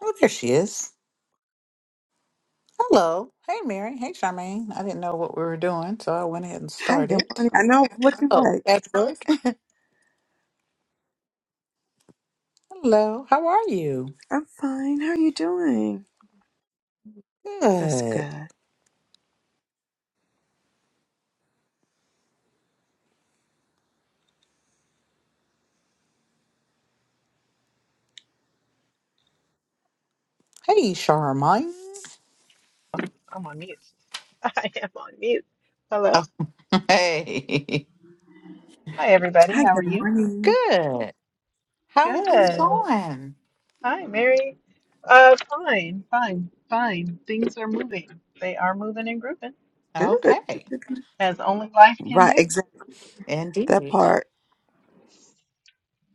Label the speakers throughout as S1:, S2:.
S1: Oh, there she is. Hello. Hey, Mary. Hey, Charmaine. I didn't know what we were doing, so I went ahead and
S2: Hi, good
S1: started.
S2: morning. I know what you
S1: Oh,
S2: like.
S1: that's good. Hello. How are you?
S2: I'm fine. How are you doing? That's
S1: Good.
S2: good.
S1: Hey, Charmaine.
S3: I'm on mute. I am on mute. Hello.
S1: Oh, hey.
S3: Hi, everybody.
S2: Hi,
S3: How are
S2: good
S3: you?
S2: morning.
S1: Good. How are things
S3: Good.
S1: going?
S3: Hi, Mary. Uh, fine, fine, fine. Things are moving. They are moving and grooving,
S2: Good.
S1: Okay.
S3: as only life can
S2: Right,
S3: do.
S2: exactly that
S1: Indeed.
S2: part.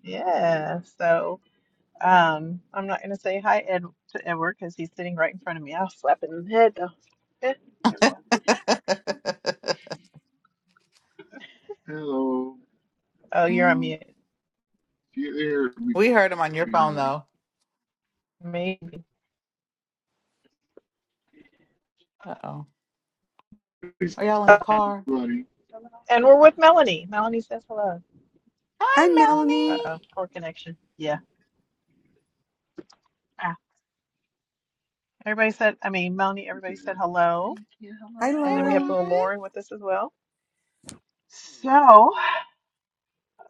S3: Yeah. So, um, I'm not gonna say hi Ed to Edward because he's sitting right in front of me. I'll slap him in the head though. Eh. Oh, you're on
S1: Mm,
S3: mute.
S1: we heard him on your phone, though.
S3: Maybe.
S1: Uh oh. Are y'all in the car?
S3: And we're with Melanie. Melanie says hello.
S2: Hi, Melanie.
S1: Hi, Melanie.
S3: Uh-oh, poor connection. Yeah. Ah. Everybody said, I mean, Melanie, everybody said hello.
S2: Hi,
S3: And
S1: Hey,
S3: then we have
S2: Lauren.
S3: little
S1: Lauren.
S3: Lauren with us as well. So,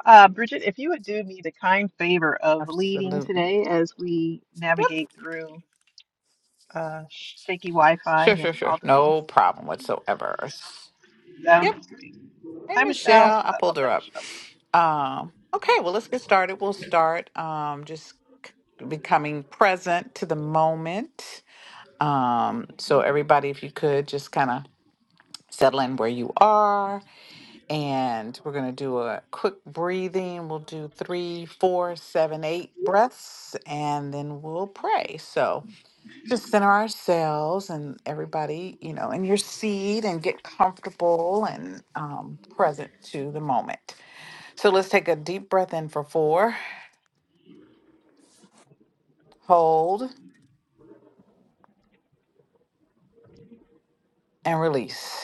S3: uh, Bridget, if you would do me the kind favor of leading
S1: Absolutely.
S3: today as we navigate through uh, shaky Wi Fi
S1: Sure, sure,
S3: and
S1: sure.
S3: all the things.
S1: No problem whatsoever.
S3: So,
S1: Yep. Hey,
S3: hi, Michelle.
S1: Michelle. I
S3: I
S1: pulled
S3: I'll
S1: her
S3: let
S1: up.
S3: Michelle.
S1: Um, okay, well, let's get started. We'll start um, just becoming present to the moment. Um, so, everybody, if you could just kind of settle in where you are, and we're going to do a quick breathing. We'll do three, four, seven, eight breaths, and then we'll pray. So, just center ourselves and everybody, you know, in your seat and get comfortable and um, present to the moment. So let's take a deep breath in for four, hold, and release.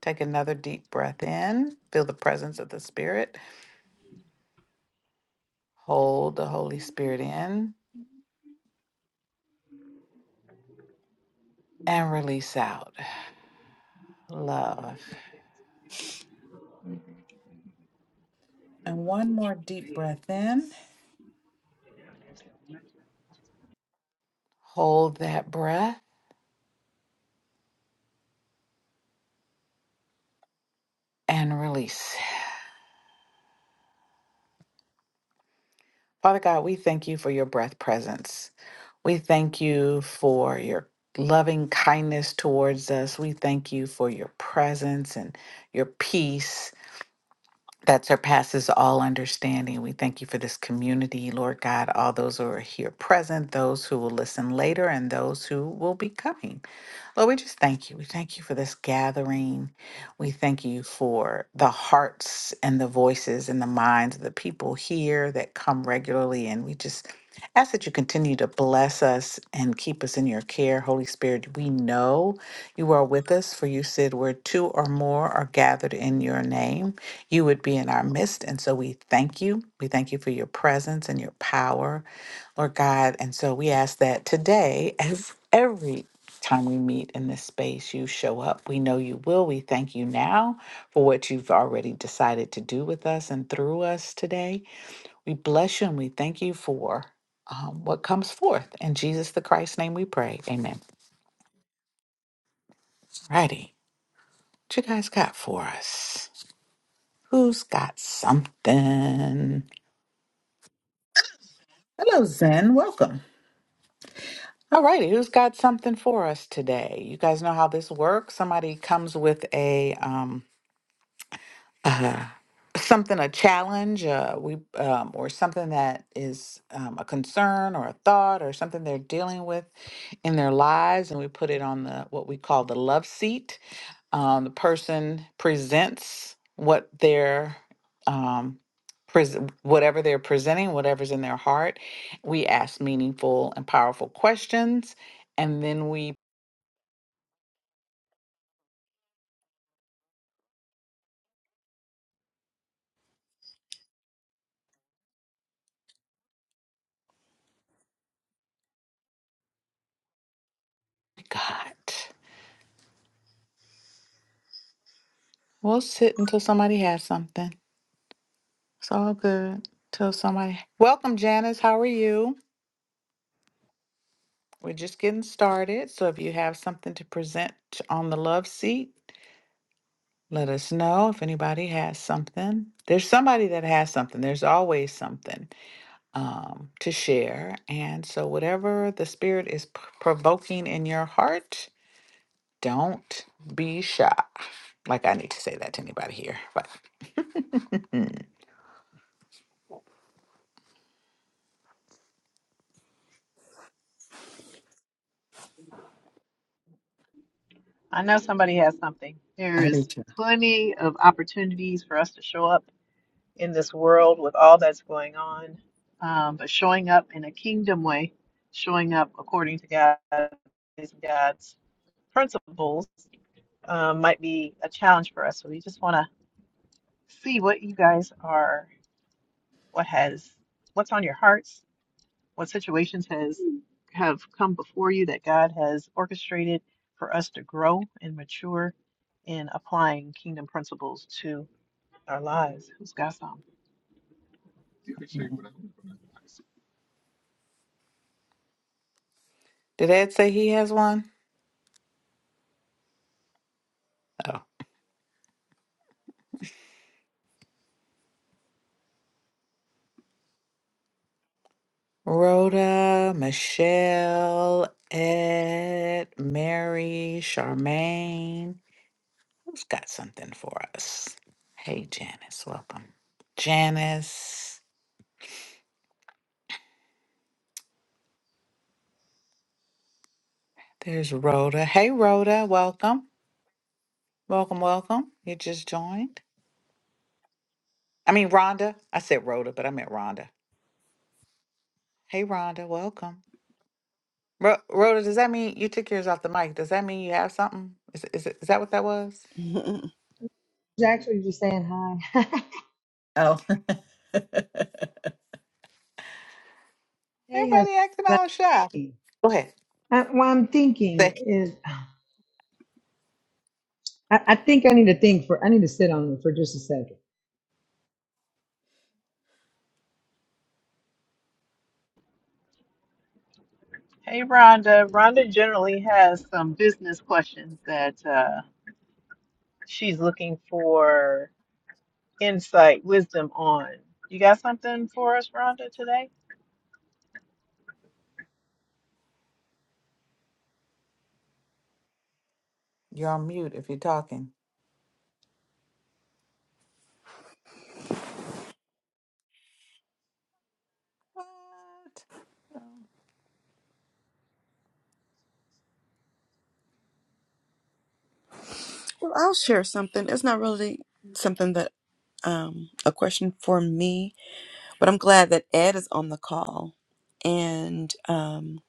S1: Take another deep breath in, feel the presence of the Spirit, hold the Holy Spirit in, and release out love. And one more deep breath in, hold that breath, and release. Father God, we thank you for your breath presence. We thank you for your loving kindness towards us. We thank you for your presence and your peace that surpasses all understanding. We thank you for this community, Lord God, all those who are here present, those who will listen later, and those who will be coming. Lord, we just thank you. We thank you for this gathering. We thank you for the hearts and the voices and the minds of the people here that come regularly. And we just ask that you continue to bless us and keep us in your care. Holy Spirit, we know you are with us, for you said where two or more are gathered in your name, you would be in our midst. And so we thank you. We thank you for your presence and your power. Lord God. And so we ask that today, as every time we meet in this space, you show up. We know you will. We thank you now for what you've already decided to do with us and through us today. We bless you and we thank you for um, what comes forth. In Jesus the Christ's name we pray. Amen. Righty. What you guys got for us? Who's got something? Hello, Zen. Welcome. All righty, who's got something for us today? You guys know how this works. Somebody comes with a um, uh, something a challenge uh, we um, or something that is um, a concern or a thought or something they're dealing with in their lives and we put it on the what we call the love seat um, the person presents what they're um, pres- whatever they're presenting whatever's in their heart we ask meaningful and powerful questions and then we god we'll sit until somebody has something It's all good. Tell somebody, welcome, Janice. How are you? We're just getting started. So if you have something to present on the love seat, let us know if anybody has something. There's somebody that has something. There's always something um, to share. And so, whatever the spirit is p- provoking in your heart, don't be shy. Like, I need to say that to anybody here. But
S3: I know somebody has something. There
S1: I do
S3: is
S1: too.
S3: plenty of opportunities for us to show up in this world with all that's going on, um, but showing up in a kingdom way, showing up according to God, God's principles um, might be a challenge for us. So we just want to see what you guys are, what has, what's on your hearts, what situations has have come before you that God has orchestrated for us to grow and mature in applying kingdom principles to our lives. Who's got some?
S1: did Ed say he has one? Rhoda, Michelle, Ed, Mary, Charmaine. Who's got something for us? Hey, Janice, welcome. Janice, there's Rhoda. Hey, Rhoda, welcome. Welcome, welcome. You just joined. I mean, Rhonda. I said Rhoda, but I meant Rhonda. Hey, Rhonda, welcome. Ro- Rhoda, does that mean you took yours off the mic? Does that mean you have something? Is, is, is that what that was?
S2: Mhm.
S4: was actually just saying hi.
S1: Oh,
S4: They have
S1: Everybody acting all shy.
S4: anxiety.
S1: Go ahead.
S4: Uh, what I'm thinking is, I, I think I need to think for, I need to sit on it for just a second.
S3: Hey, Rhonda. Rhonda generally has some business questions that uh, she's looking for insight, wisdom on. You got something for us, Rhonda, today?
S1: You're on mute if you're talking. What? Um,
S2: Well, I'll share something. It's not really something that um a question for me, but I'm glad that Ed is on the call. And um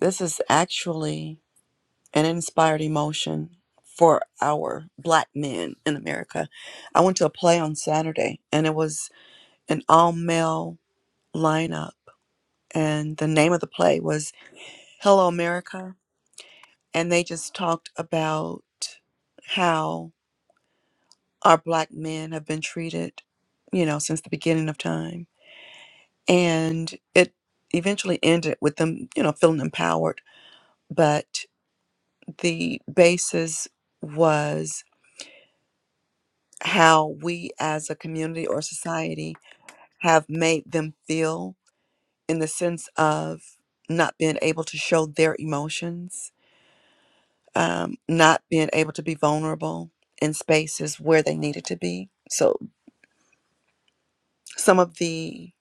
S2: this is actually and inspired emotion for our black men in America. I went to a play on Saturday and it was an all male lineup. And the name of the play was Hello America. And they just talked about how our black men have been treated, you know, since the beginning of time. And it eventually ended with them, you know, feeling empowered. But the basis was how we as a community or society have made them feel in the sense of not being able to show their emotions, um, not being able to be vulnerable in spaces where they needed to be. So some of the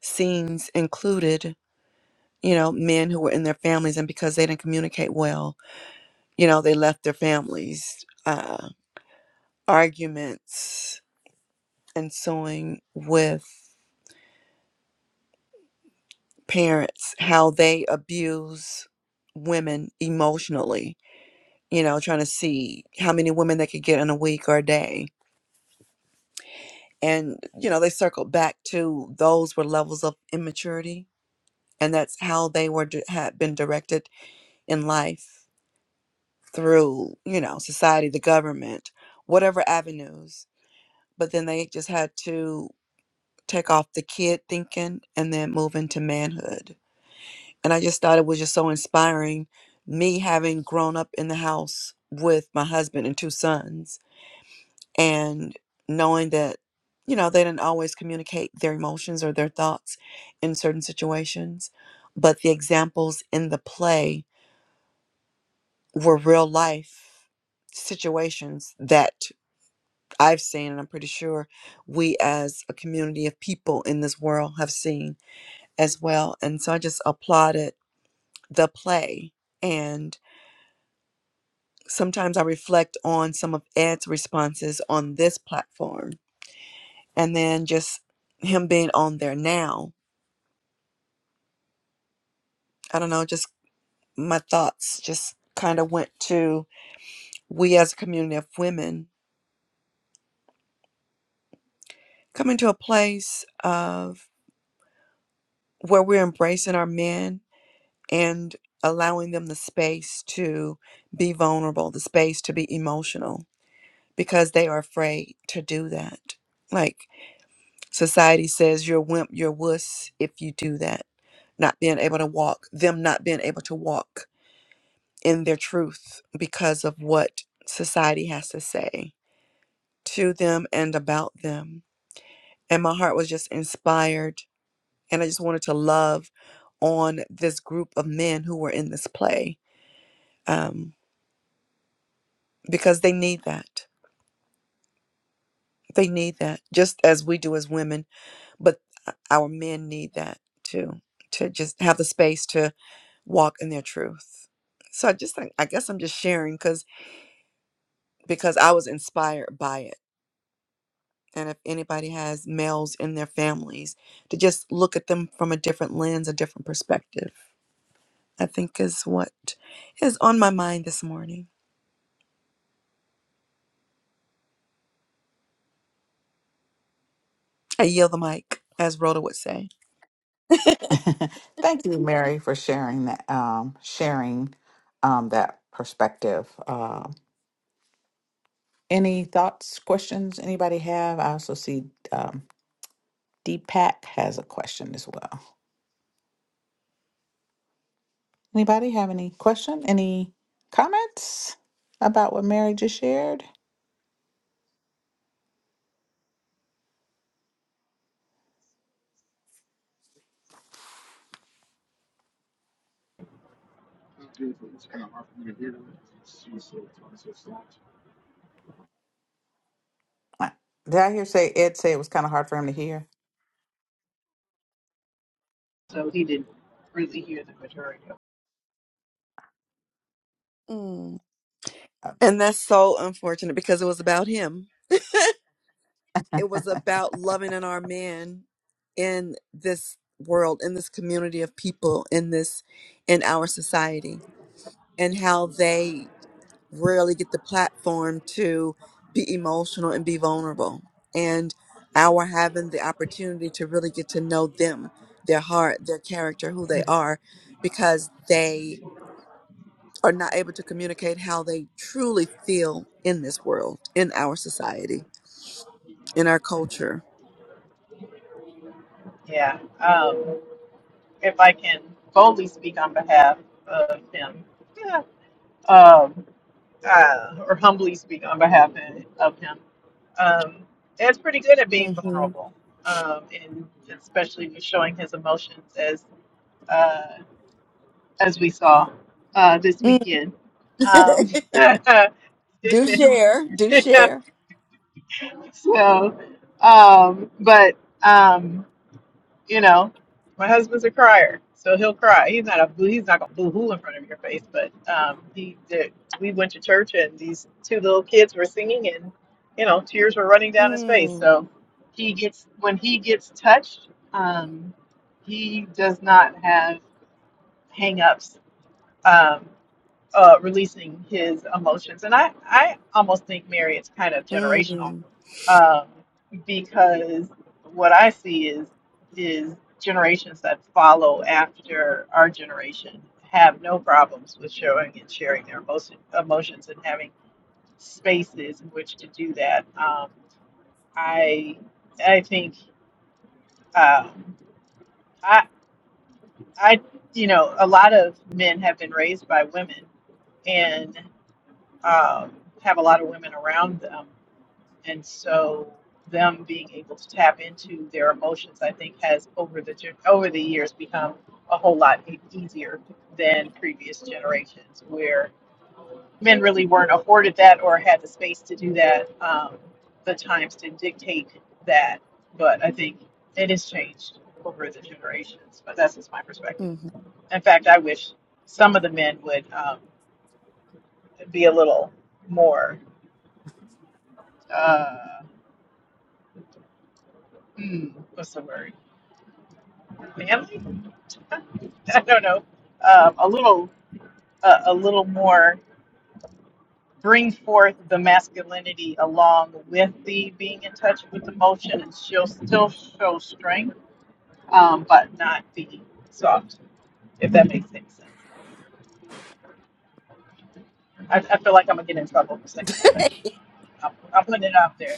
S2: scenes included, you know, men who were in their families and because they didn't communicate well, you know, they left their families, uh, arguments ensuing with parents how they abuse women emotionally you know trying to see how many women they could get in a week or a day and you know they circled back to those were levels of immaturity and that's how they were di- had been directed in life through you know society the government whatever avenues but then they just had to take off the kid thinking and then move into manhood And I just thought it was just so inspiring. Me having grown up in the house with my husband and two sons, and knowing that, you know, they didn't always communicate their emotions or their thoughts in certain situations, but the examples in the play were real life situations that I've seen, and I'm pretty sure we as a community of people in this world have seen as well. And so I just applauded the play. And sometimes I reflect on some of Ed's responses on this platform and then just him being on there now. I don't know, just my thoughts just kind of went to we as a community of women coming to a place of where we're embracing our men and allowing them the space to be vulnerable, the space to be emotional because they are afraid to do that. Like society says you're a wimp, you're a wuss if you do that not being able to walk, them not being able to walk in their truth because of what society has to say to them and about them. And my heart was just inspired, and I just wanted to love on this group of men who were in this play um, because they need that. They need that just as we do as women, but our men need that too to just have the space to walk in their truth. So I just think I guess I'm just sharing because. because I was inspired by it. And if anybody has males in their families, to just look at them from a different lens, a different perspective, I think is what is on my mind this morning. I yield the mic, as Rhoda would say.
S1: Thank you, Mary, for sharing that. Um, sharing um, that perspective. Um any thoughts, questions? Anybody have? I also see um, Deepak has a question as well. Anybody have any question? Any comments about what Mary just shared? Uh, Did I hear say Ed say it was kind of hard for him to hear?
S3: so he didn't really hear the majority of
S2: Mm. And that's so unfortunate because it was about him. it was about loving in our man in this world, in this community of people, in this, in our society and how they rarely get the platform to be emotional and be vulnerable. And our having the opportunity to really get to know them, their heart, their character, who they are, because they are not able to communicate how they truly feel in this world, in our society in our
S3: it. Mhm.
S2: culture.
S3: Yeah. Um, if I can boldly speak on behalf of him, yeah. um, uh, or humbly speak on behalf of him, um, Ed's pretty good at being
S2: hmm
S3: vulnerable, um, and especially with showing his emotions as uh, as we saw uh, this weekend. Um,
S2: do share, do share.
S3: so, um, but um, You know, my husband's a crier, so he'll cry. He's not a boo. He's not gonna boo hoo in front of your face, but um, he did. We went to church, and these two little kids were singing, and you know, tears were running down his face.
S2: Mm,
S3: So he gets when he gets touched, um, he does not have hang-ups. Um, uh, releasing his emotions. And I, I almost think, Mary, it's kind of generational
S2: mm,
S3: um, because what I see is is generations that follow after our generation have no problems with showing and sharing their emotion, emotions and having spaces in which to do that. Um, I I think um, I I you know a lot of men have been raised by women and. um, have a lot of women around them. And so them being able to tap into their emotions, I think, has over the gen- over the years become a whole lot e- easier than previous generations, where men really weren't afforded that or had the space to do that. Um, the times to dictate that, but I think it has changed over the generations. But that's just my perspective.
S2: mm.
S3: In fact, I wish some of the men would um, be a little more. uh, hmm, what's the word? Manly? I don't know. Um, a little, uh, a little more. Bring forth the masculinity along with the being in touch with emotion, and she'll still show strength, um, but not be soft. If that makes any sense. I, I feel like I'm gonna get in trouble for saying that, but I'm, I'm putting it out there.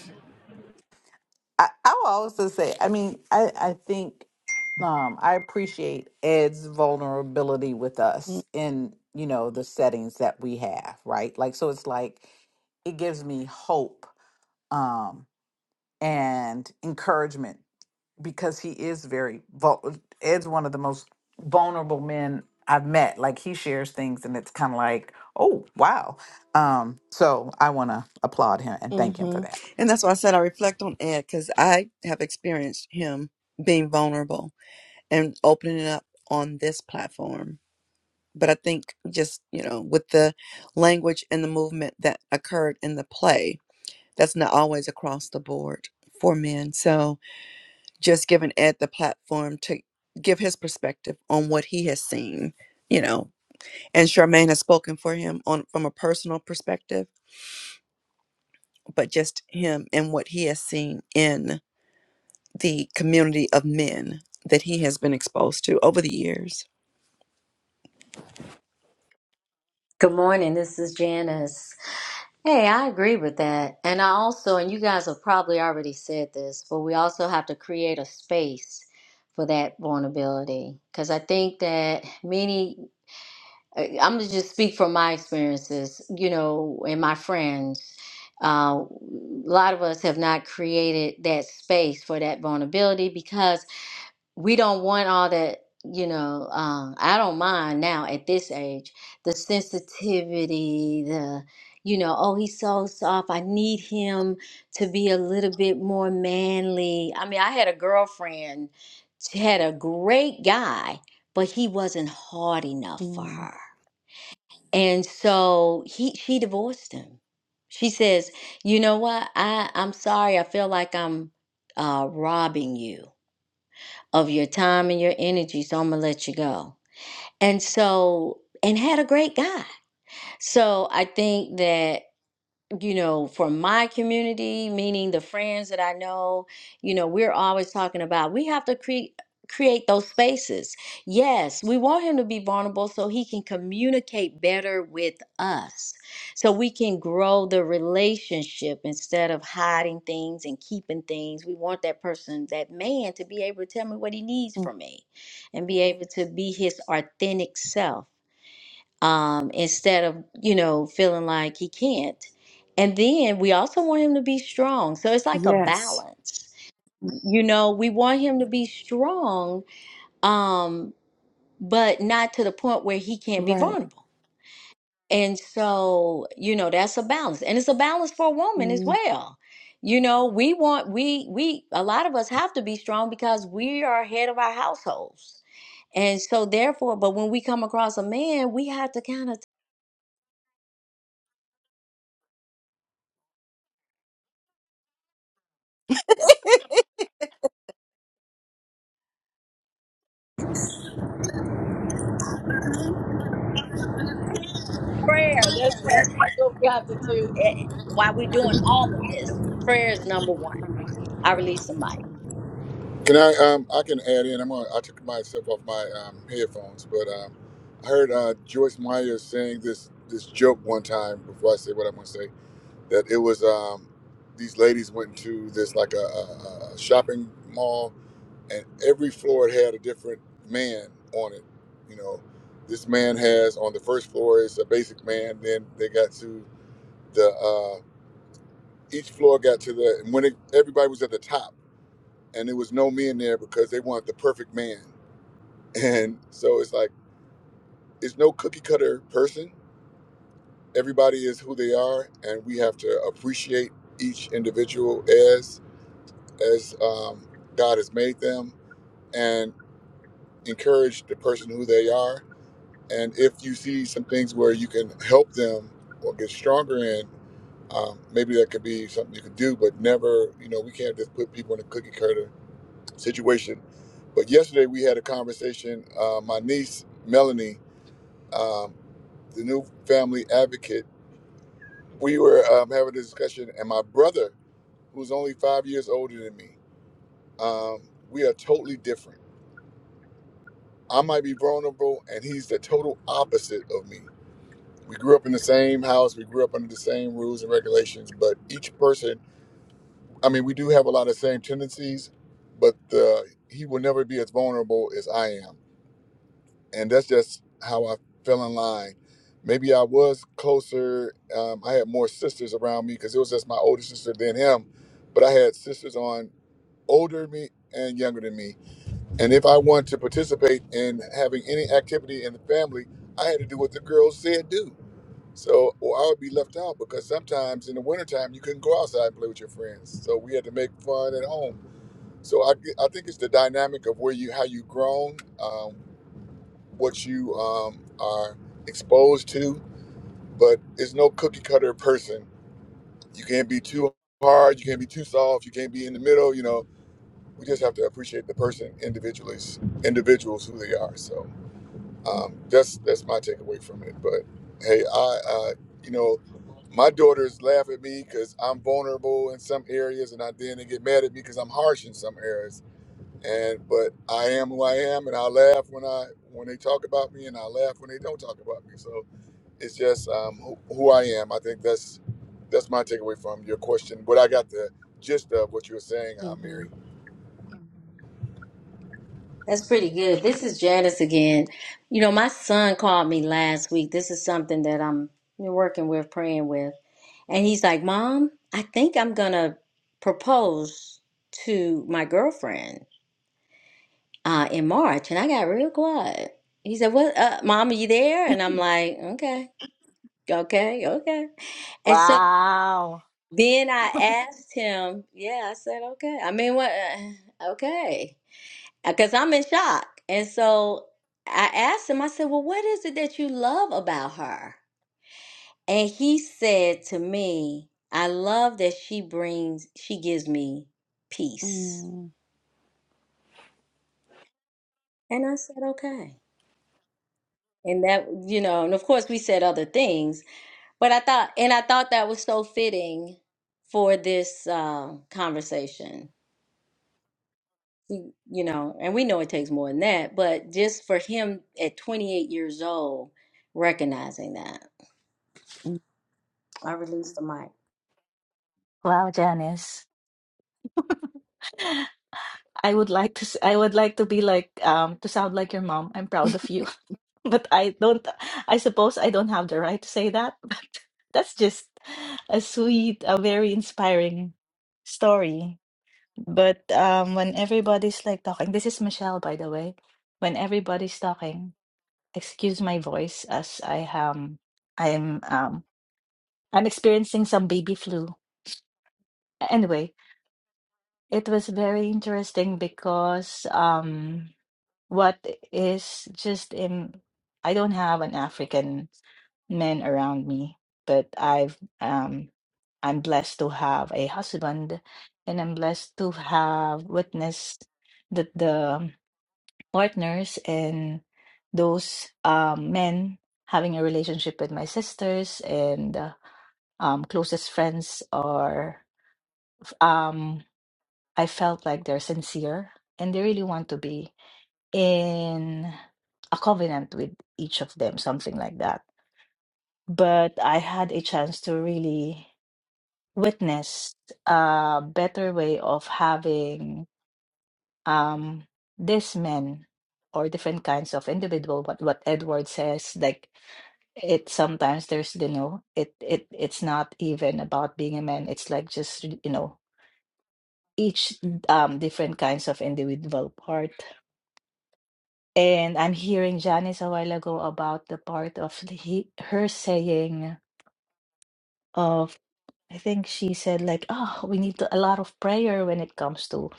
S1: I, I will also say, I mean, I, I think um, I appreciate Ed's vulnerability with
S2: Mm.
S1: us in, you know, the settings that we have, right? Like, so it's like, it gives me hope um, and encouragement because he is very, vul- Ed's one of the most vulnerable men I've met. Like, he shares things and it's kind of like, oh, wow. Um, so I want to applaud him and thank him for
S2: Mm-hmm.
S1: that.
S2: And that's why I said I reflect on Ed because I have experienced him being vulnerable and opening up on this platform but I think just you know with the language and the movement that occurred in the play, that's not always across the board for men. So just giving Ed the platform to give his perspective on what he has seen, you know, and Charmaine has spoken for him on from a personal perspective, but just him and what he has seen in the community of men that he has been exposed to over the years.
S5: Good morning. This is Janice. Hey, I agree with that. And I also, and you guys have probably already said this, but we also have to create a space for that vulnerability. Because I think that many, I- I'm going to just speak from my experiences, you know, and my friends. Uh, a lot of us have not created that space for that vulnerability because we don't want all that you know um i don't mind now at this age the sensitivity the you know oh he's so soft i need him to be a little bit more manly i mean i had a girlfriend she had a great guy but he wasn't hard enough for her and so he she divorced him she says you know what i i'm sorry i feel like i'm uh robbing you of your time and your energy. So I'm gonna let you go. And so, and had a great guy. So I think that you know, for my community, meaning the friends that I know, you know, we're always talking about we have to create create those spaces. Yes, we want him to be vulnerable so he can communicate better with us. So we can grow the relationship instead of hiding things and keeping things. We want that person, that man to be able to tell me what he needs
S2: Mm.
S5: from me and be able to be his authentic self um, instead of you know feeling like he can't. And then we also want him to be strong. So it's like a
S2: Yes,
S5: balance. You know, we want him to be strong, um, but not to the point where he can't be
S2: right.
S5: vulnerable. And so, you know, that's a balance. And it's a balance for a woman as
S2: Mm.
S5: well. You know, we want we we a lot of us have to be strong because we are head of our households. And so therefore, but when we come across a man, we have to kind of prayer. That's what
S6: Can
S5: that's what we have to do eh, while we're doing all of this. Prayer is number one. I release the mic.
S6: I? Um, I can add in. I'm gonna. I took myself off my um, headphones, but um, I heard uh, Joyce Meyer saying this this joke one time before I say what I'm gonna say. That it was um, these ladies went to this like a, a, a shopping mall, and every floor it had a different man on it. You know, this man has on the first floor is a basic man. Then they got to the uh, each floor got to the and when it, everybody was at the top and there was no men there because they wanted the perfect man and so it's like it's no cookie cutter person everybody is who they are and we have to appreciate each individual as as um, god has made them and encourage the person who they are and if you see some things where you can help them or get stronger in um, maybe that could be something you could do but never you know we can't just put people in a cookie cutter situation. But yesterday we had a conversation. Uh, my niece Melanie, um, the new family advocate, we were um, having a discussion, and my brother, who's only five years older than me, um, we are totally different. I might be vulnerable, and he's the total opposite of me. We grew up in the same house, we grew up under the same rules and regulations, but each person, I mean, we do have a lot of same tendencies, but uh, he will never be as vulnerable as I am and that's just how I fell in line. Maybe I was closer. Um, I had more sisters around me because it was just my older sister than him, but I had sisters on older than me and younger than me. And if I wanted to participate in having any activity in the family, I had to do what the girls said do. So, or I would be left out because sometimes in the wintertime you couldn't go outside and play with your friends. So we had to make fun at home. So I, I think it's the dynamic of where you how you grown. um, what you um, are exposed to, but it's no cookie cutter person. You can't be too hard, you can't be too soft, you can't be in the middle. You know, we just have to appreciate the person individually, individuals who they are. So um, that's that's my takeaway from it. But hey, I uh, you know my daughters laugh at me because I'm vulnerable in some areas, and I then they get mad at me because I'm harsh in some areas and but I am who I am, and I laugh when I when they talk about me, and I laugh when they don't talk about me. So it's just um, who, who I am. I think that's that's my takeaway from your question. But I got the gist of what you were saying, uh,
S2: Mm-hmm.
S6: Mary.
S5: That's pretty good. This is Janice again. You know, my son called me last week. This is something that I'm working with, praying with. And he's like, Mom, I think I'm going to propose to my girlfriend uh, in March. And I got real quiet. He said, What, uh, Mom, are you there? And I'm like, Okay, okay, okay. And so
S7: Wow.
S5: Then I asked him, yeah, I said, okay. I mean, what? uh, Okay. Because I'm in shock. And so I asked him, I said, well, what is it that you love about her? And he said to me, I love that she brings, she gives me peace.
S2: Mm,
S5: And I said, okay. And that, you know, and of course we said other things, but I thought, and I thought that was so fitting for this uh, conversation you you know, and we know it takes more than that, but just for him at 28 years old recognizing that.
S2: mm,
S5: I released the mic.
S7: Wow, Janice. I would like to s- I would like to be like um to sound like your mom. I'm proud of you. But I don't I suppose I don't have the right to say that. But that's just a sweet, a very inspiring story. But um when everybody's like talking, this is Michelle by the way. When everybody's talking, excuse my voice as I am I'm um I'm experiencing some baby flu. Anyway, It was very interesting because um, what is just in, I don't have an African man around me, but I've um, I'm blessed to have a husband, and I'm blessed to have witnessed that the partners and those um, men having a relationship with my sisters and uh, um, closest friends are. um, I felt like they're sincere and they really want to be in a covenant with each of them, something like that. But I had a chance to really witness a better way of having um, these men or different kinds of individual. What what Edward says, like it sometimes there's you know it it it's not even about being a man. It's like just you know each um different kinds of individual part And I'm hearing Janice a while ago about the part of the, he, her saying of I think she said like, oh, we need to, a lot of prayer when it comes to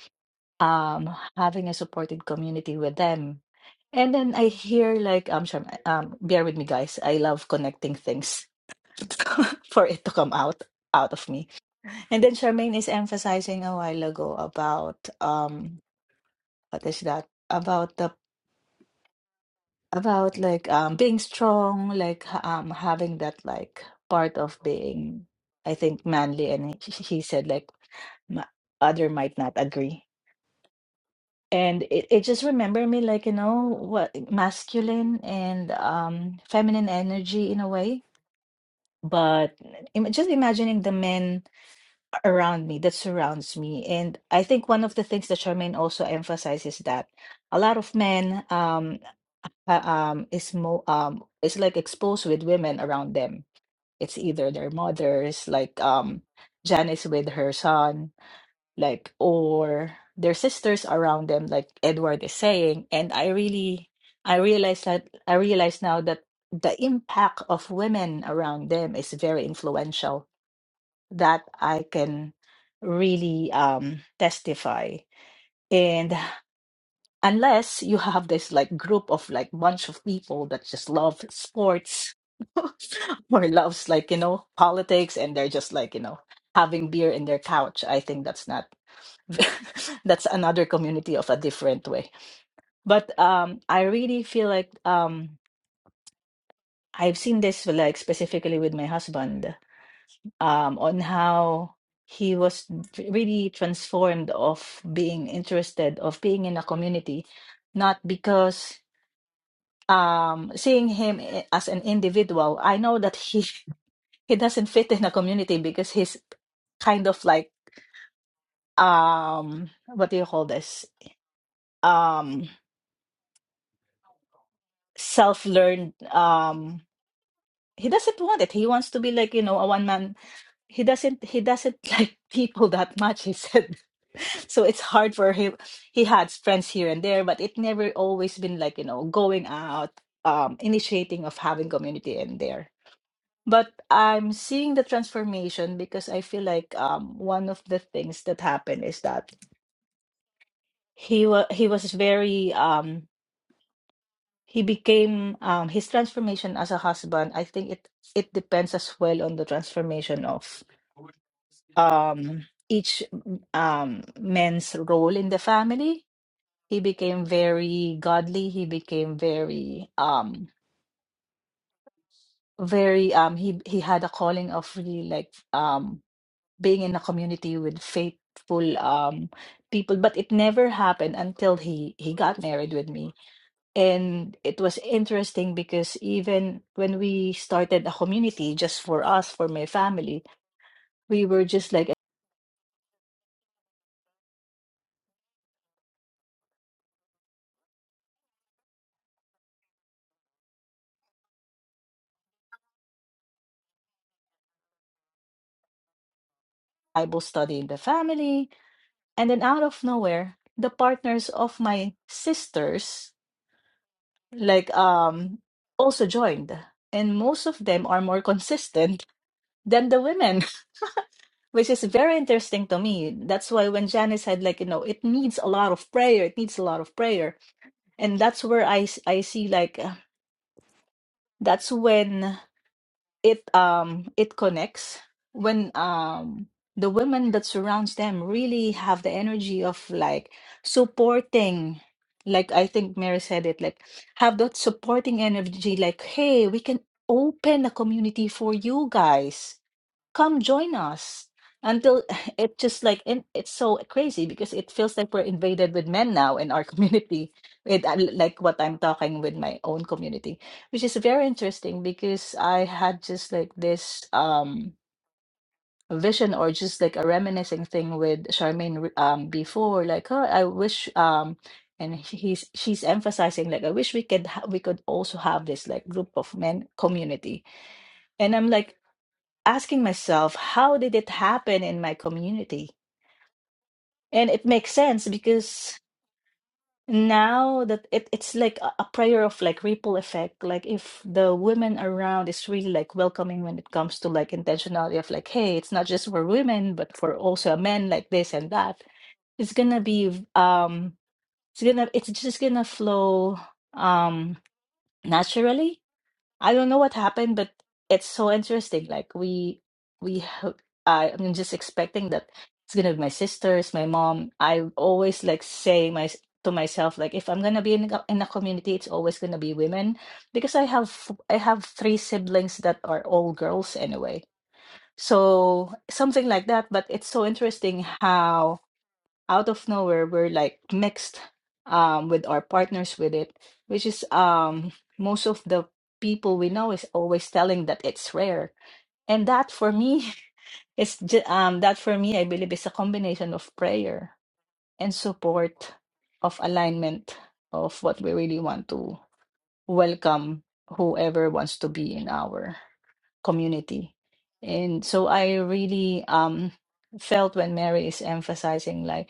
S7: um having a supported community with them. And then I hear like I'm sure um bear with me guys. I love connecting things for it to come out out of me. And then Charmaine is emphasizing a while ago about um what is that? about the. about like um being strong like h- um having that like part of being i think manly and he, he said like ma- other might not agree and it, it just remember me like you know what masculine and um feminine energy in a way but im- just imagining the men around me that surrounds me and i think one of the things that charmaine also emphasizes that a lot of men um, uh, um, is mo um, is like exposed with women around them. It's either their mothers, like um, Janice with her son, like or their sisters around them, like Edward is saying. And I really, I realize that I realize now that the impact of women around them is very influential. That I can really um, testify. and unless you have this like group of like bunch of people that just love sports or loves like you know politics and they're just like you know having beer in their couch i think that's not that's another community of a different way but um i really feel like um i've seen this like specifically with my husband um on how he was really transformed of being interested of being in a community not because um seeing him i- as an individual i know that he he doesn't fit in a community because he's kind of like um what do you call this um self-learned um he doesn't want it he wants to be like you know a one man he doesn't he doesn't like people that much he said so it's hard for him he had friends here and there but it never always been like you know going out um initiating of having community in there But I'm seeing the transformation because I feel like um one of the things that happened is that he was he was very um he became um his transformation as a husband. I think it it depends as well on the transformation of um each um man's role in the family. He became very godly. He became very um very um he he had a calling of really like um. being in a community with faithful um people but it never happened until he he got married with me and it was interesting because even when we started a community just for us for my family we were just like a bible study in the family and then out of nowhere the partners of my sisters like um also joined and most of them are more consistent than the women Which is very interesting to me. That's why when Janice said, like, you know, it needs a lot of prayer, it needs a lot of prayer. And that's where I, s- I see, like, uh, that's when it um it connects when um the women that surrounds them really have the energy of like supporting like I think Mary said it like have that supporting energy like hey we can open a community for you guys come join us until it just like and it's so crazy because it feels like we're invaded with men now in our community with uh, like what I'm talking with my own community which is very interesting because I had just like this um vision or just like a reminiscing thing with Charmaine re- um before like oh I wish um and he's she's emphasizing like I wish we could ha- we could also have this like group of men community and I'm like asking myself, how did it happen in my community? And it makes sense because now that it, it's like a, a prayer of like ripple effect. Like if the women around is really like welcoming when it comes to like intentionality of like, hey, it's not just for women, but for also men like this and that. It's gonna be um it's gonna it's just gonna flow um naturally I don't know what happened, but it's so interesting. Like we we ho- I, I'm just expecting that it's gonna be my sisters, my mom. I always like say my to myself like if I'm gonna be in a, co- in a community, it's always gonna be women because I have f- I have three siblings that are all girls anyway. So something like that. But it's so interesting how out of nowhere we're like mixed um with our partners with it which is um most of the people we know is always telling that it's rare and that for me it's ju- um that for me i believe is a combination of prayer and support of alignment of what we really want to welcome whoever wants to be in our community and so i really um felt when mary is emphasizing like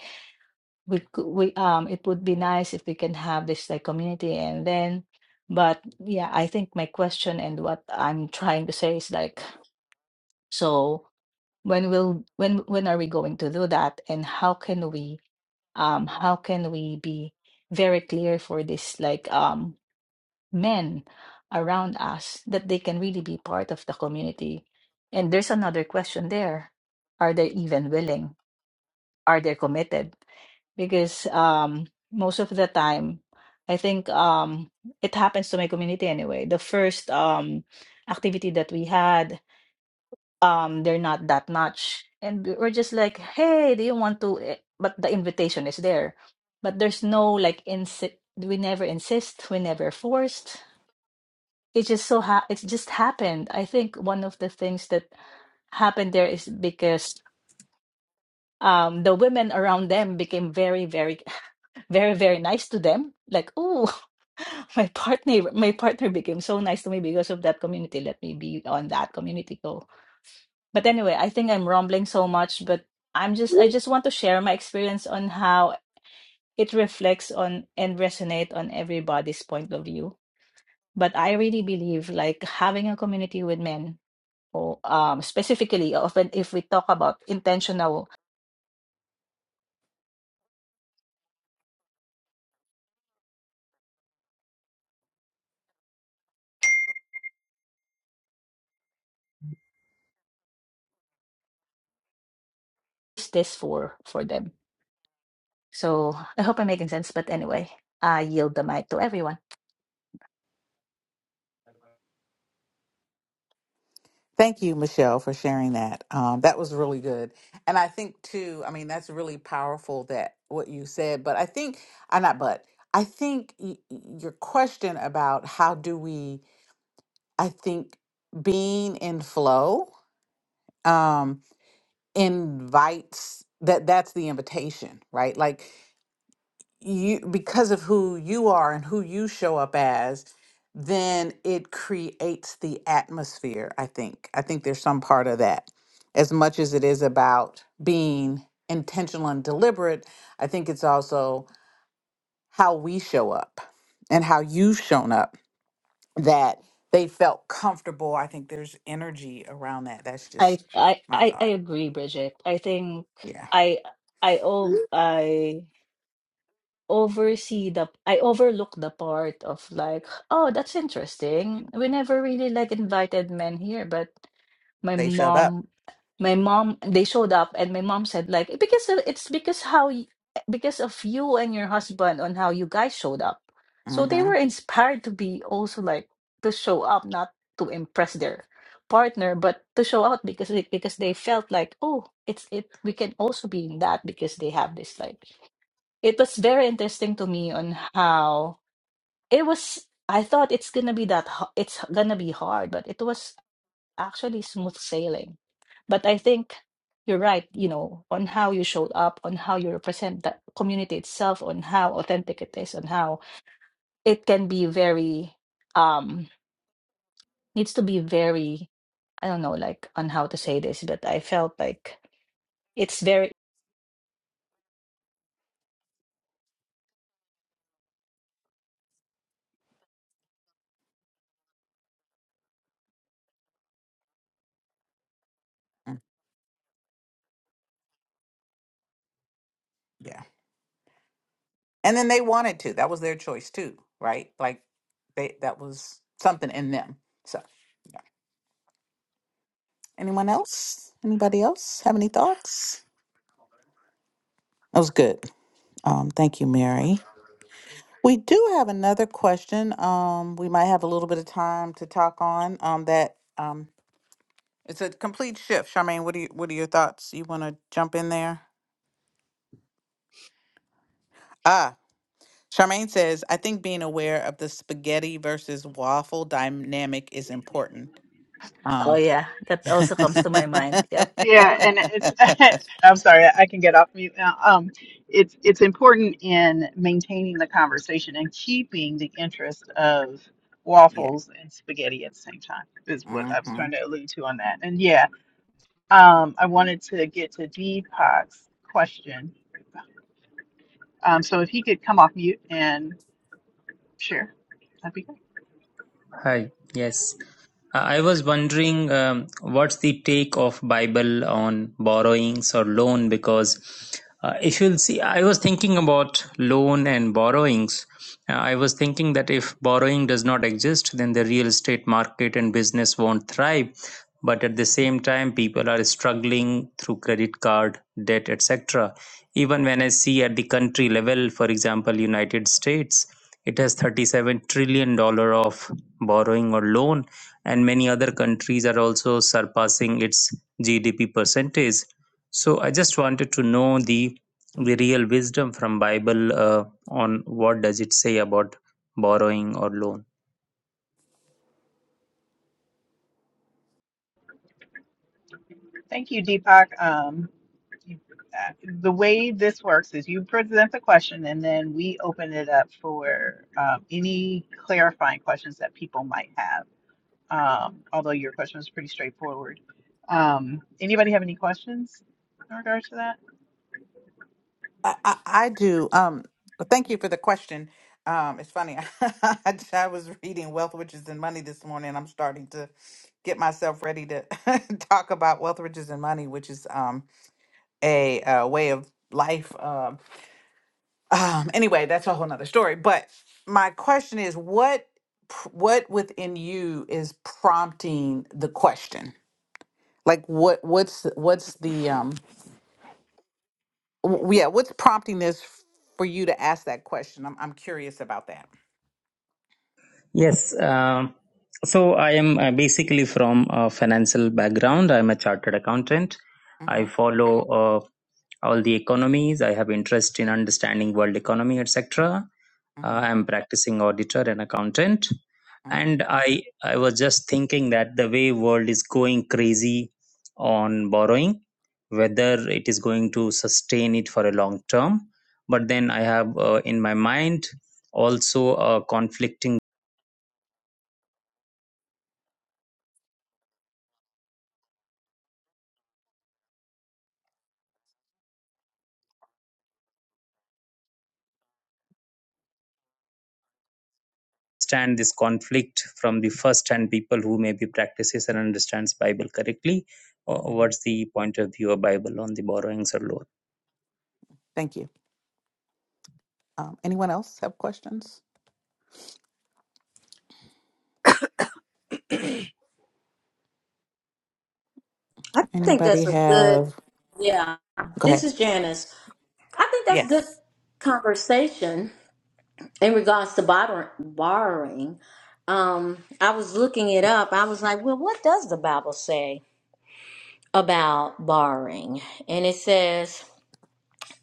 S7: we could we um it would be nice if we can have this like community and then but yeah i think my question and what i'm trying to say is like so when will when when are we going to do that and how can we um how can we be very clear for this like um men around us that they can really be part of the community and there's another question there are they even willing are they committed because um most of the time I think um it happens to my community anyway. The first um activity that we had, um they're not that much and we- we're just like, "Hey, do you want to eh," but the invitation is there. But there's no like insi- we never insist, we never forced. It just so ha- it just happened. I think one of the things that happened there is because um the women around them became very very very, very nice to them. Like, oh, my partner, my partner became so nice to me because of that community. Let me be on that community go. But anyway, I think I'm rambling so much, but I'm just I just want to share my experience on how it reflects on and resonate on everybody's point of view. But I really believe like having a community with men, or um, specifically, often if we talk about intentional, is this for for them? So I hope I'm making sense. But anyway, I yield the mic to everyone.
S1: Thank you, Michelle, for sharing that. Um, that was really good. And I think, too, I mean, that's really powerful that what you said, but I think, I not, but I think y- y- your question about how do we, I think being in flow um, invites that that's the invitation, right? Like you because of who you are and who you show up as then it creates the atmosphere i think i think there's some part of that as much as it is about being intentional and deliberate i think it's also how we show up and how you've shown up that they felt comfortable i think there's energy around that that's
S7: I
S1: just
S7: I
S1: my
S7: I, I
S1: thought
S7: agree, Bridget. I think
S1: yeah
S7: I I ov I. oversee the I overlook the part of like, oh, that's interesting. We never really like invited men here, but my
S1: they showed up
S7: mom, my mom, they showed up, and my mom said like, because of- it's because how y- because of you and your husband on how you guys showed up. So they
S1: mm-hmm.
S7: were inspired to be also like to show up, not to impress their partner, but to show out because they- because they felt like, oh, it's it we can also be in that because they have this like it was very interesting to me on how it was i thought it's gonna be that h- it's gonna be hard but it was actually smooth sailing but i think you're right you know on how you showed up on how you represent the community itself on how authentic it is on how it can be very um needs to be very i don't know like on how to say this but i felt like it's very
S1: Mm, Yeah. And then they wanted to. That was their choice too, right? Like they that was something in them. So yeah. Anyone else? Anybody else have any thoughts? That was good. Um, thank you, Mary. We do have another question. Um, we might have a little bit of time to talk on. Um, that um it's a complete shift. Charmaine, what do you what are your thoughts? You wanna jump in there? Ah, Charmaine says, I think being aware of the spaghetti versus waffle dynamic is important. Um
S7: oh yeah that also comes to my mind yep
S3: Yeah, and it's I'm sorry, I can get off mute now. Um, it's it's important in maintaining the conversation and keeping the interest of
S1: yeah.
S3: waffles and spaghetti at the same time is what I was
S1: hmm
S3: trying to allude to on that. And yeah, um, I wanted to get to Deepak's question. Um, so if he could come off mute and share, that'd be great.
S8: Hi. Yes. I I was wondering um, what's the take of Bible on borrowings or loan because uh, if you'll see I was thinking about loan and borrowings. Uh, I was thinking that if borrowing does not exist then the real estate market and business won't thrive but at the same time people are struggling through credit card debt etc. Even when I see at the country level for example United States it has 37 trillion dollar of borrowing or loan, and many other countries are also surpassing its GDP percentage. So I just wanted to know the the real wisdom from Bible uh, on what does it say about borrowing or loan.
S3: Thank you, Deepak. Um, you- uh, the way this works is you present the question and then we open it up for um, any clarifying questions that people might have. Um, although your question was pretty straightforward. Um, anybody have any questions in regards to that?
S1: I, I I do. Um, well, thank you for the question. Um, it's funny. I, I was reading Wealth, Riches, and Money this morning. I'm starting to get myself ready to talk about Wealth, Riches, and Money, which is um, a, uh way of life. Um, um, anyway, that's a whole nother story. But my question is, what pr- what within you is prompting the question? Like, what what's what's the um, W- Yeah, what's prompting this f- for you to ask that question? I'm I'm curious about that.
S8: Yes. um so I am uh, basically from a financial background. I'm a chartered accountant. I
S1: Mm-hmm.
S8: follow uh, all the economies. I have interest in understanding world economy, etc. Uh,
S1: Mm-hmm.
S8: I'm practicing auditor and accountant,
S1: Mm-hmm.
S8: and I I was just thinking that the way world is going crazy on borrowing, whether it is going to sustain it for a long term. But then I have uh, in my mind also a conflicting stand. this conflict from the first hand people who maybe practices and understands Bible correctly. Uh,
S1: Mm-hmm.
S8: what's the point of view of Bible on the borrowings or loan?
S1: Thank you. Um, anyone else have questions?
S5: I think
S1: Anybody
S5: that's a good,
S1: have?
S5: yeah.
S1: Go
S5: This
S1: ahead.
S5: is Janice. I think that's good
S1: Yes.
S5: conversation in regards to bor- borrowing. Um, I was looking it up. I was like, well, what does the Bible say about borrowing? And it says,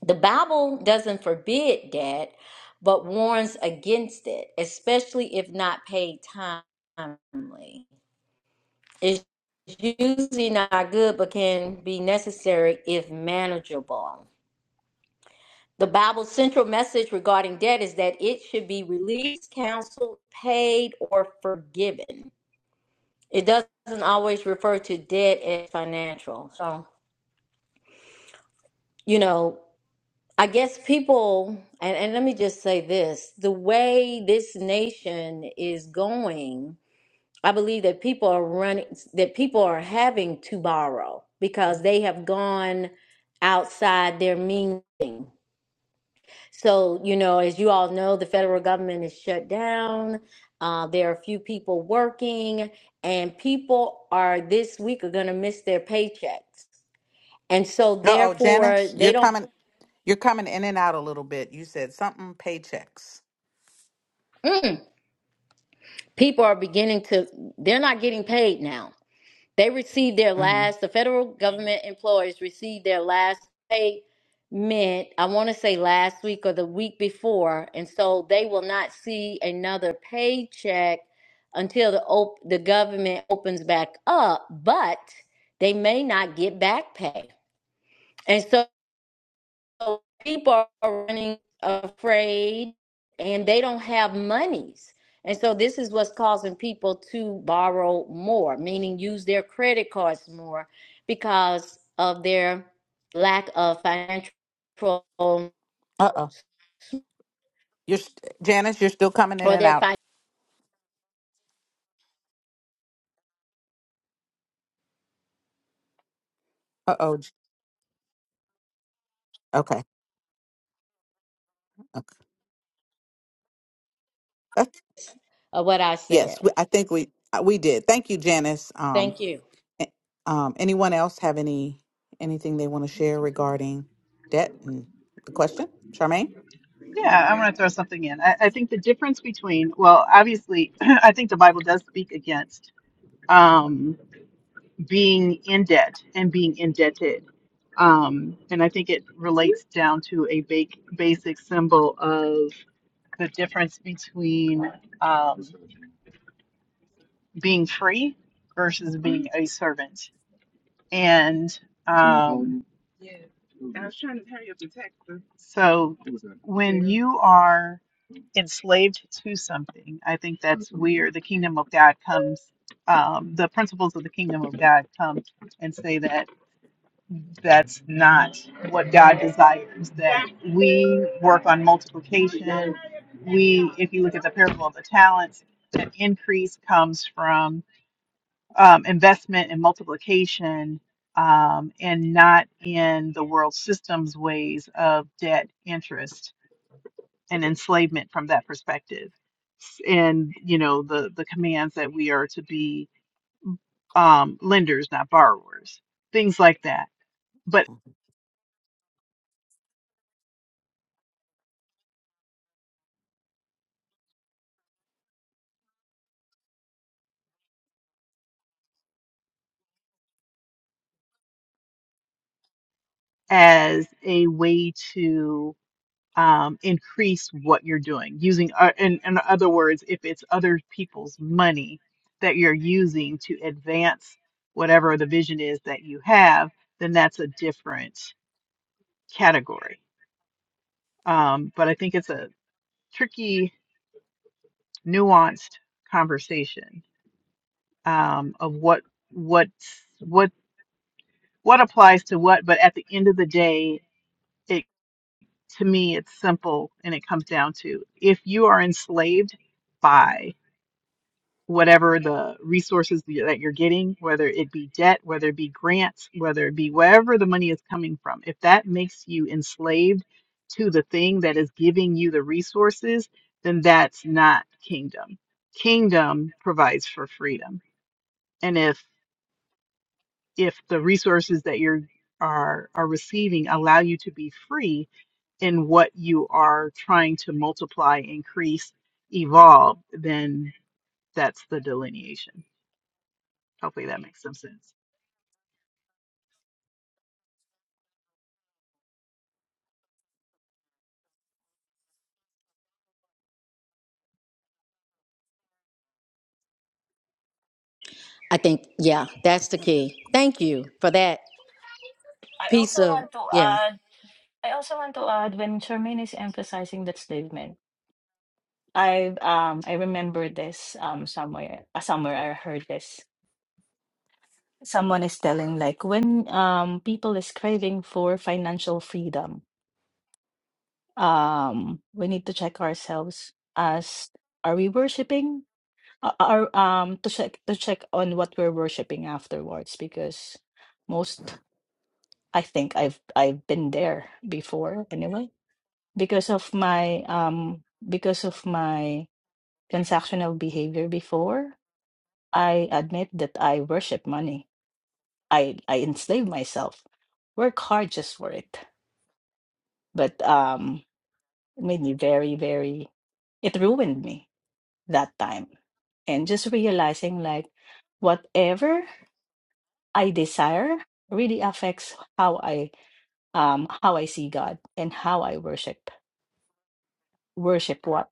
S5: The Bible doesn't forbid debt, but warns against it, especially if not paid timely. It's usually not good, but can be necessary if manageable. The Bible's central message regarding debt is that it should be released, counseled, paid, or forgiven. It doesn't always refer to debt as financial. So, you know, I guess people, and, and let me just say this the way this nation is going, I believe that people are running, that people are having to borrow because they have gone outside their means. So, you know, as you all know, the federal government is shut down. Uh, there are few people working, and people are this week are going to miss their paychecks. And so,
S1: No. Oh,
S5: therefore,
S1: Janice,
S5: they
S1: you're
S5: don't.
S1: coming. You're coming in and out a little bit. You said something. Paychecks.
S5: mm, people are beginning to they're not getting paid now they received their
S1: Mm-hmm.
S5: last the federal government employees received their last payment i want to say last week or the week before and so they will not see another paycheck until the op- the government opens back up but they may not get back pay and so. So people are running afraid and they don't have monies. And so this is what's causing people to borrow more, meaning use their credit cards more because of their lack of financial or
S1: Uh oh. You're st- Janice. You're still coming in and
S5: their
S1: out.
S5: fin-
S1: Uh oh. Okay. Okay.
S5: or what I said.
S1: Yes, we, I think we uh, we did. Thank you, Janice. Um,
S5: Thank you.
S1: a- um, anyone else have any anything they want to share regarding debt and the question, Charmaine?
S3: Yeah, I'm going to throw something in. I, I think the difference between, well, obviously, I think the Bible does speak against. Um, being in debt and being indebted. Um, and I think it relates down to a ba- basic symbol of the difference between um, being free versus being a servant. And um, so when you are enslaved to something, I think that's where the kingdom of God comes. Um, the principles of the kingdom of God come and say that that's not what God desires. That we work on multiplication. We, if you look at the parable of the talents, that increase comes from um, investment and multiplication um, and not in the world system's ways of debt, interest, and enslavement from that perspective. And, you know, the, the commands that we are to be um, lenders, not borrowers, things like that But as a way to um, increase what you're doing using uh, in, in other words if it's other people's money that you're using to advance whatever the vision is that you have then that's a different category um, but i think it's a tricky nuanced conversation um, of what what what what applies to what but at the end of the day to me it's simple and it comes down to if you are enslaved by whatever the resources that you're getting whether it be debt whether it be grants whether it be wherever the money is coming from if that makes you enslaved to the thing that is giving you the resources then that's not kingdom kingdom provides for freedom and if if the resources that you're are are receiving allow you to be free in what you are trying to multiply, increase, evolve, then that's the delineation. Hopefully that makes some sense.
S5: I think yeah, that's the key. Thank you for that
S7: I
S5: piece
S7: also
S5: of
S7: want to
S5: yeah.
S7: add. I also want to add when Charmaine is emphasizing that statement, I um I remember this um somewhere uh, somewhere I heard this. Someone is telling like when um people is craving for financial freedom, um we need to check ourselves as are we worshiping? Are are, um to check to check on what we're worshiping afterwards because most I think I've I've been there before anyway because of my um because of my transactional behavior before. I admit that I worship money. I I enslave myself, work hard just for it. But um, it made me very, very. It ruined me that time, and just realizing like whatever I desire really affects how I um how I see God and how I worship worship what.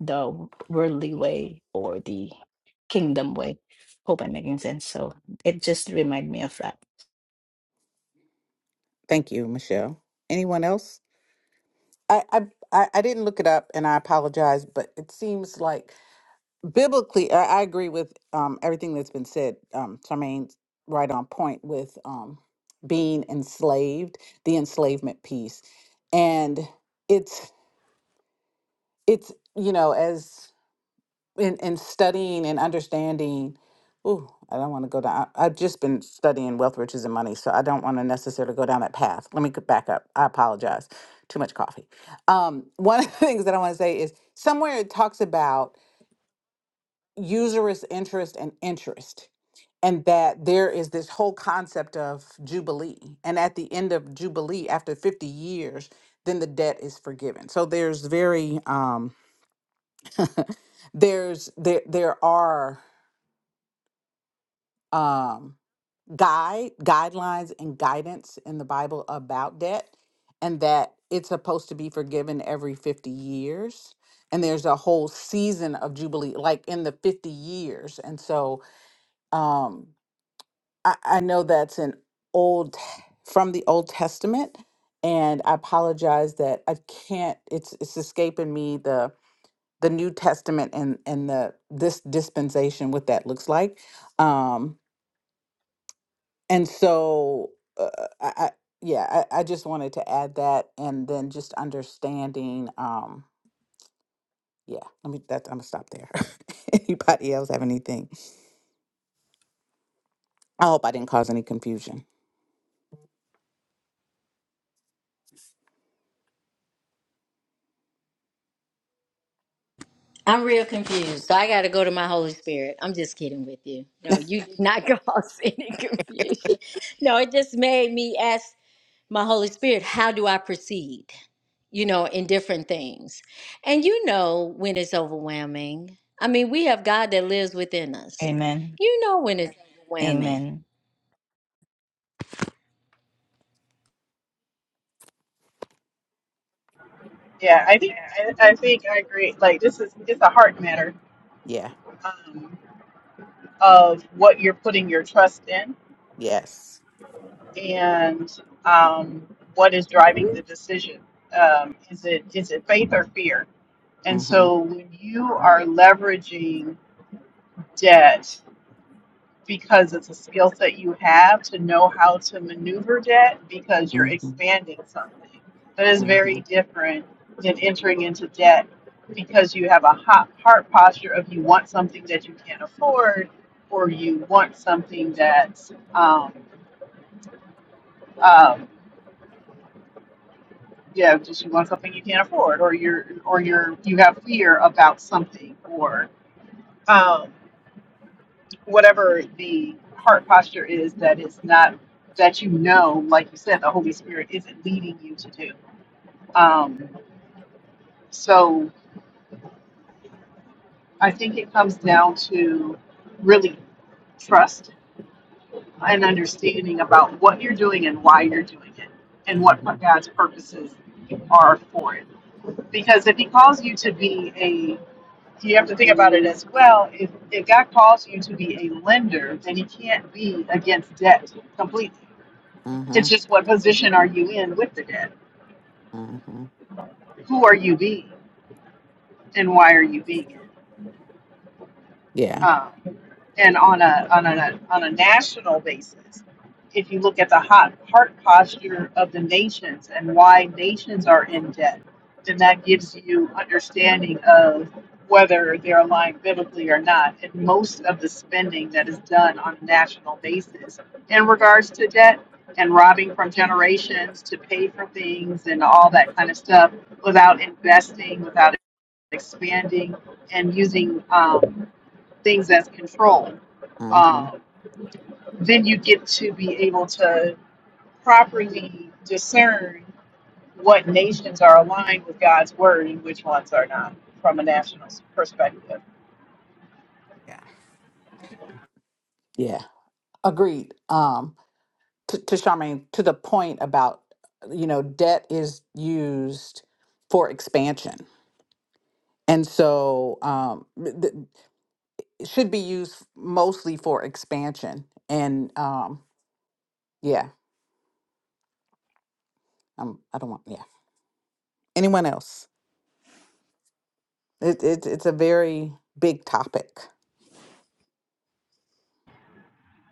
S7: the worldly way or the kingdom way. Hope I'm making sense. So it just remind me of that.
S1: Thank you, Michelle. Anyone else? I I I I didn't look it up, and I apologize, but it seems like biblically, I, I agree with um everything that's been said. Um, Charmaine's right on point with um being enslaved, the enslavement piece, and it's it's you know as in, in studying and understanding ooh i don't want to go down I- i've just been studying wealth riches and money so i don't want to necessarily go down that path let me go back up i apologize too much coffee um, one of the things that i want to say is somewhere it talks about usurious interest and interest and that there is this whole concept of jubilee and at the end of jubilee after 50 years then the debt is forgiven so there's very um there's there there are um, guide guidelines and guidance in the Bible about debt, and that it's supposed to be forgiven every 50 years. And there's a whole season of Jubilee, like in the 50 years. And so um, I, I know that's an old from the Old Testament. And I apologize that I can't, it's it's escaping me the the New Testament and and the this dispensation, what that looks like. um, And so, uh, I, I yeah, I, I just wanted to add that, and then just understanding. Um, yeah, let me. That I'm gonna stop there. Anybody else have anything? I hope I didn't cause any confusion.
S5: I'm real confused. So I got to go to my Holy Spirit. I'm just kidding with you. No, you did not cause any confusion. No, it just made me ask my Holy Spirit, how do I proceed? You know, in different things. And you know when it's overwhelming. I mean, we have God that lives within us.
S7: Amen.
S5: You know when it's overwhelming.
S7: Amen.
S3: Yeah, I think I I think I agree. Like this is it's a heart matter
S1: Yeah.
S3: um, of what you're putting your trust in
S1: Yes.
S3: and um, what is driving the decision. Um, is it is it faith or fear? And
S1: Mm-hmm.
S3: so when you are leveraging debt because it's a skill set you have to know how to maneuver debt because you're
S1: Mm-hmm.
S3: expanding something. That is
S1: Mm-hmm.
S3: very different than entering into debt because you have a hot heart posture of you want something that you can't afford or you want something that's um, um, yeah just you want something you can't afford or you're or you're you have fear about something or um. whatever the heart posture is that is not that you know like you said the holy spirit isn't leading you to do um, so i think it comes down to really trust and understanding about what you're doing and why you're doing it and what
S1: Mm-hmm.
S3: god's purposes are for it because if he calls you to be a you have to think about it as well if, if god calls you to be a lender then he can't be against debt completely
S1: Mm-hmm.
S3: It's just what position are you in with the dead?
S1: Mm-hmm.
S3: Who are you being? And why are you being it?
S1: Yeah.
S3: Um, and on a on a on a national basis, if you look at the hot heart posture of the nations and why nations are in debt, then that gives you understanding of whether they're aligned biblically or not. And most of the spending that is done on a national basis in regards to debt and robbing from generations to pay for things and all that kind of stuff without investing, without expanding and using um, things as control,
S1: Mm-hmm.
S3: um, then you get to be able to properly discern what nations are aligned with God's word and which ones are not from a national perspective.
S1: Yeah. Yeah. Agreed. Um, to, to Charmaine, to the point about, you know, debt is used for expansion. And so um, th- it should be used mostly for expansion. And um, yeah, um, I don't want, yeah. Anyone else? It, it, it's a very big topic.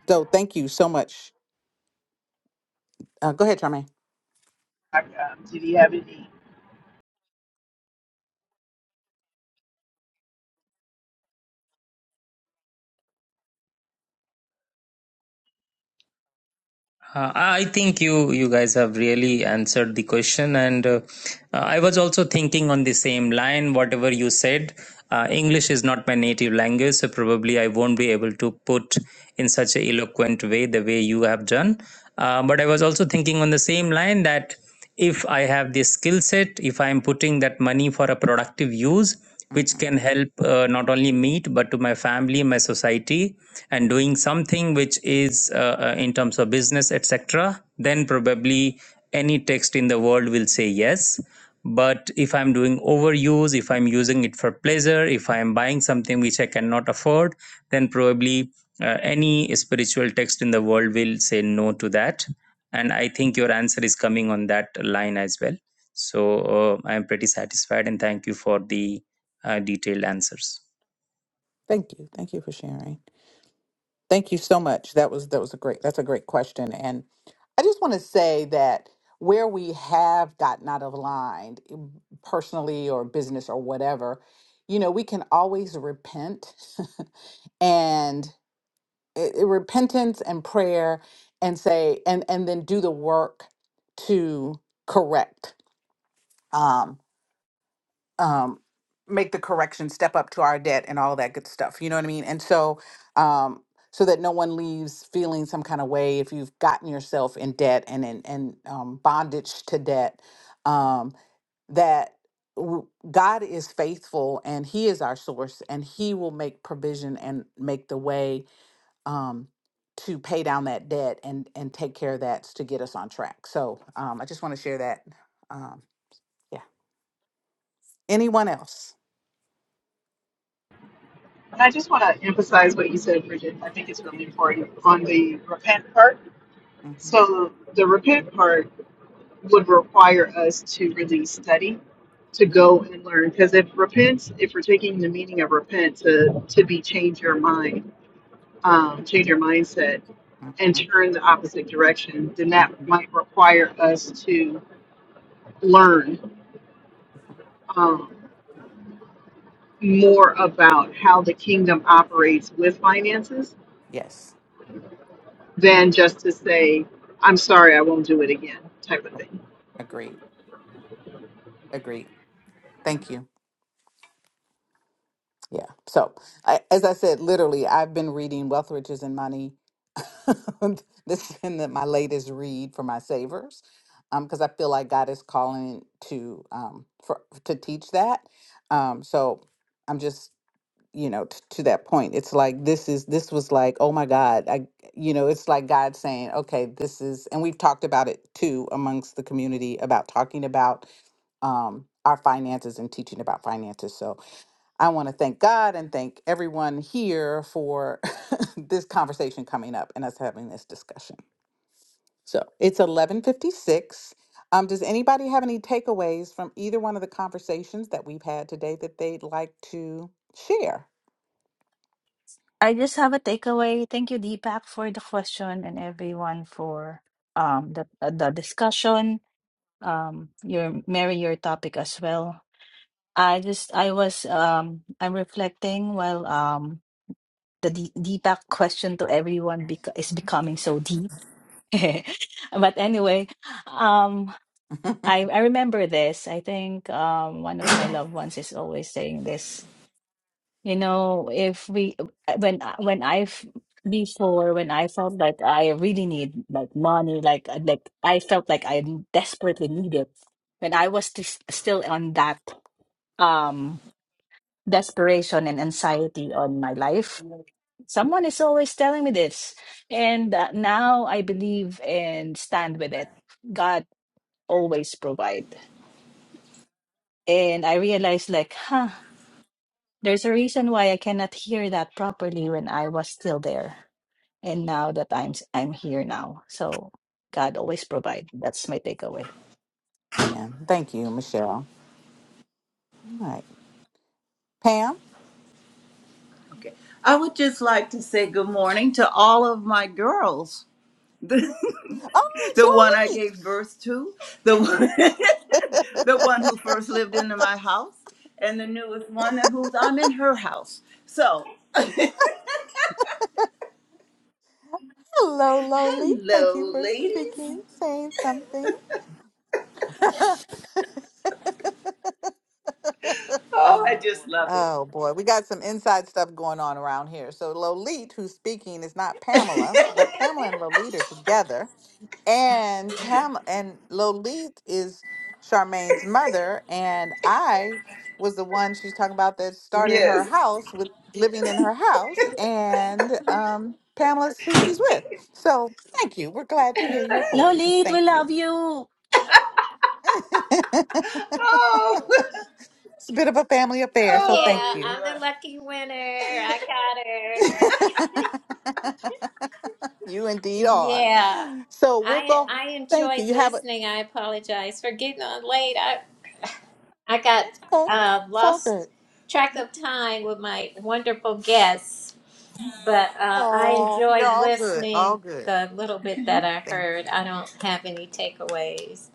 S1: So thank you so much. Uh, go ahead, Charmaine.
S3: Um, did he have any?
S8: Uh, I think you you guys have really answered the question, and uh, I was also thinking on the same line. Whatever you said, uh, English is not my native language, so probably I won't be able to put in such a eloquent way the way you have done. Uh, but I was also thinking on the same line that if i have this skill set if i am putting that money for a productive use
S1: hmm
S8: which can help uh, not only me but to my family my society and doing something which is uh, uh, in terms of business etc then probably any text in the world will say yes but if i'm doing overuse if i'm using it for pleasure if i am buying something which i cannot afford then probably uh, any spiritual text in the world will say no to that and i think your answer is coming on that line as well so uh, i am pretty satisfied and thank you for the uh, detailed answers
S1: Thank you. Thank you for sharing. Thank you so much. That was that was a great that's a great question. And I just want to say that where we have gotten out of line eh, personally or business or whatever, you know, we can always repent and it, it- repentance and prayer and say and and then do the work to correct. um, um, make the correction, step up to our debt, and all of that good stuff. You know what I mean? And so, um, so that no one leaves feeling some kind of way if you've gotten yourself in debt and in and um, bondage to debt, um, that w- God is faithful and He is our source, and He will make provision and make the way um, to pay down that debt and and take care of that to get us on track. So um, I just want to share that. Um, yeah. Anyone else?
S3: And I just want to emphasize what you said, Bridget. I think it's really important on the repent part.
S1: hmm
S3: So the repent part would require us to really study to go and learn because if repent if we're taking the meaning of repent to to be change your mind um, change our mindset and
S1: Mm-hmm.
S3: turn the opposite direction, then
S1: hmm
S3: that might require us to learn um, more about how the kingdom operates with finances
S1: Yes,
S3: than just to say, I'm sorry, I won't do it again, type of thing.
S1: agreed. Agreed. Thank you. Yeah. So, I, as I said, literally, I've been reading Wealth, Riches, and Money. this has been the, my latest read for my savers, because I feel like God is calling to um for to teach that. Um, so I'm just you know t- to that point. It's like this is this was like oh my God, I you know it's like God saying okay this is and we've talked about it too amongst the community about talking about um, our finances and teaching about finances. So I want to thank God and thank everyone here for this conversation coming up and us having this discussion. So it's 1156. Um, does anybody have any takeaways from either one of the conversations that we've had today that they'd like to share?
S7: I just have a takeaway. Thank you, Deepak, for the question and everyone for um the uh, the discussion. Um, your Mary, your topic as well. I just I was um I'm reflecting while um the D- Deepak question to everyone bec- is becoming so deep. but anyway, um. I I remember this. I think um one of my loved ones is always saying this. You know, if we uh, when I- when I've before when I felt like I really need like money, like uh, like I felt like I desperately need it. When I was t still on that um desperation and anxiety on my life, someone is always telling me this, and uh, now I believe and stand with it. God always provides And I realized, like, huh, there's a reason why I cannot hear that properly when I was still there. And now that I'm I'm here now. So God always provide. That's my takeaway.
S1: Amen. Thank you, Michelle. All right. Pam?
S9: I would just like to say good morning to all of my girls. The,
S1: Oh, it's
S9: one I
S1: Lalique.
S9: gave birth to, the one, the one who first lived into my house, and the newest one who's I'm in her house. So,
S1: Hello, Loli. Thank you
S9: hello,
S1: for
S9: ladies.
S1: speaking, saying something.
S9: Oh, I just love it.
S1: oh boy, we got some inside stuff going on around here. So Lolita, who's speaking, is not Pamela, but Pamela and Lolita are together. and Pam and Lolith is Charmaine's mother, and I was the one she's talking about that started her house with living in her house, and um, Pamela's who she's with. So thank you. We're glad to hear your
S2: Mm.
S1: voice.
S7: Lolit, we
S1: Thank you.
S7: love you.
S1: it's
S9: Oh,
S1: a bit of a family
S9: oh.
S1: affair, so thank
S9: Yeah,
S1: you.
S9: I'm the oh. lucky winner. I got her.
S1: you indeed are.
S9: Yeah.
S1: So we'll
S9: I
S1: go.
S9: I
S1: Thank you.
S9: enjoyed
S1: You have a.
S9: listening. I apologize for getting on late. I got
S1: That's okay.
S9: uh,
S1: It's all good.
S9: lost track of time with my wonderful guests, but uh, I
S1: Oh, you're
S9: enjoyed
S1: all good. All
S9: listening
S1: good.
S9: the little bit that I
S1: Thank
S9: heard.
S1: you.
S9: I don't have any takeaways.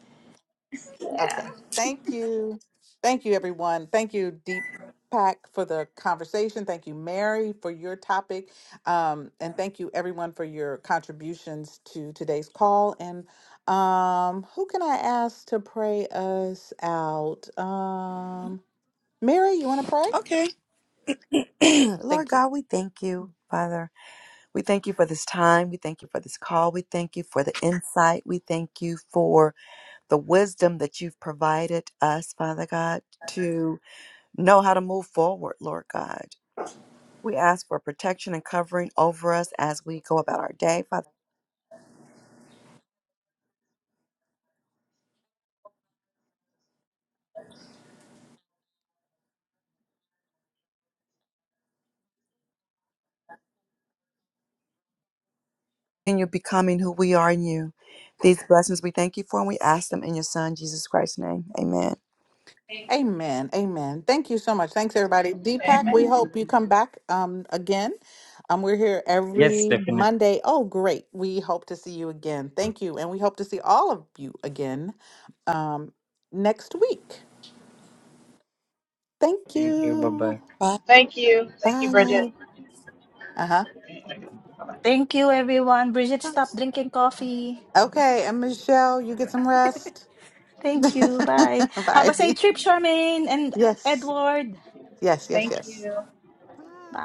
S9: Yeah.
S1: Okay. Thank you. Thank you, everyone. Thank you, Deepak, for the conversation. Thank you, Mary, for your topic. Um, and thank you, everyone, for your contributions to today's call. And um, who can I ask to pray us out? Um, Mary, you want to pray?
S2: Okay. Lord
S1: Thank you.
S2: God, we thank you, Father. We thank you for this time. We thank you for this call. We thank you for the insight. We thank you for the wisdom that you've provided us, Father God, to know how to move forward, Lord God. We ask for protection and covering over us as we go about our day, Father. Continue becoming who we are in you. These blessings we thank you for, and we ask them in your Son, Jesus Christ's name. Amen.
S1: Amen. Amen. Thank you so much. Thanks, everybody. Deepak, we hope you come back um, again. Um, we're here
S8: Yes,
S1: every
S8: definitely.
S1: Monday. Oh, great. We hope to see you again. Thank you. And we hope to see all of you again um, next week. Thank
S8: Bye bye.
S1: you.
S2: Bye.
S1: Bye. Uh huh.
S7: Thank you, everyone. Bridget, stop drinking coffee.
S1: Okay. And Michelle, you get some rest.
S7: Thank you. Bye. Have
S1: Bye.
S7: a safe trip, Charmaine and
S1: Yes.
S7: Edward.
S1: Yes. Yes. Yes. Bye.
S7: Bye.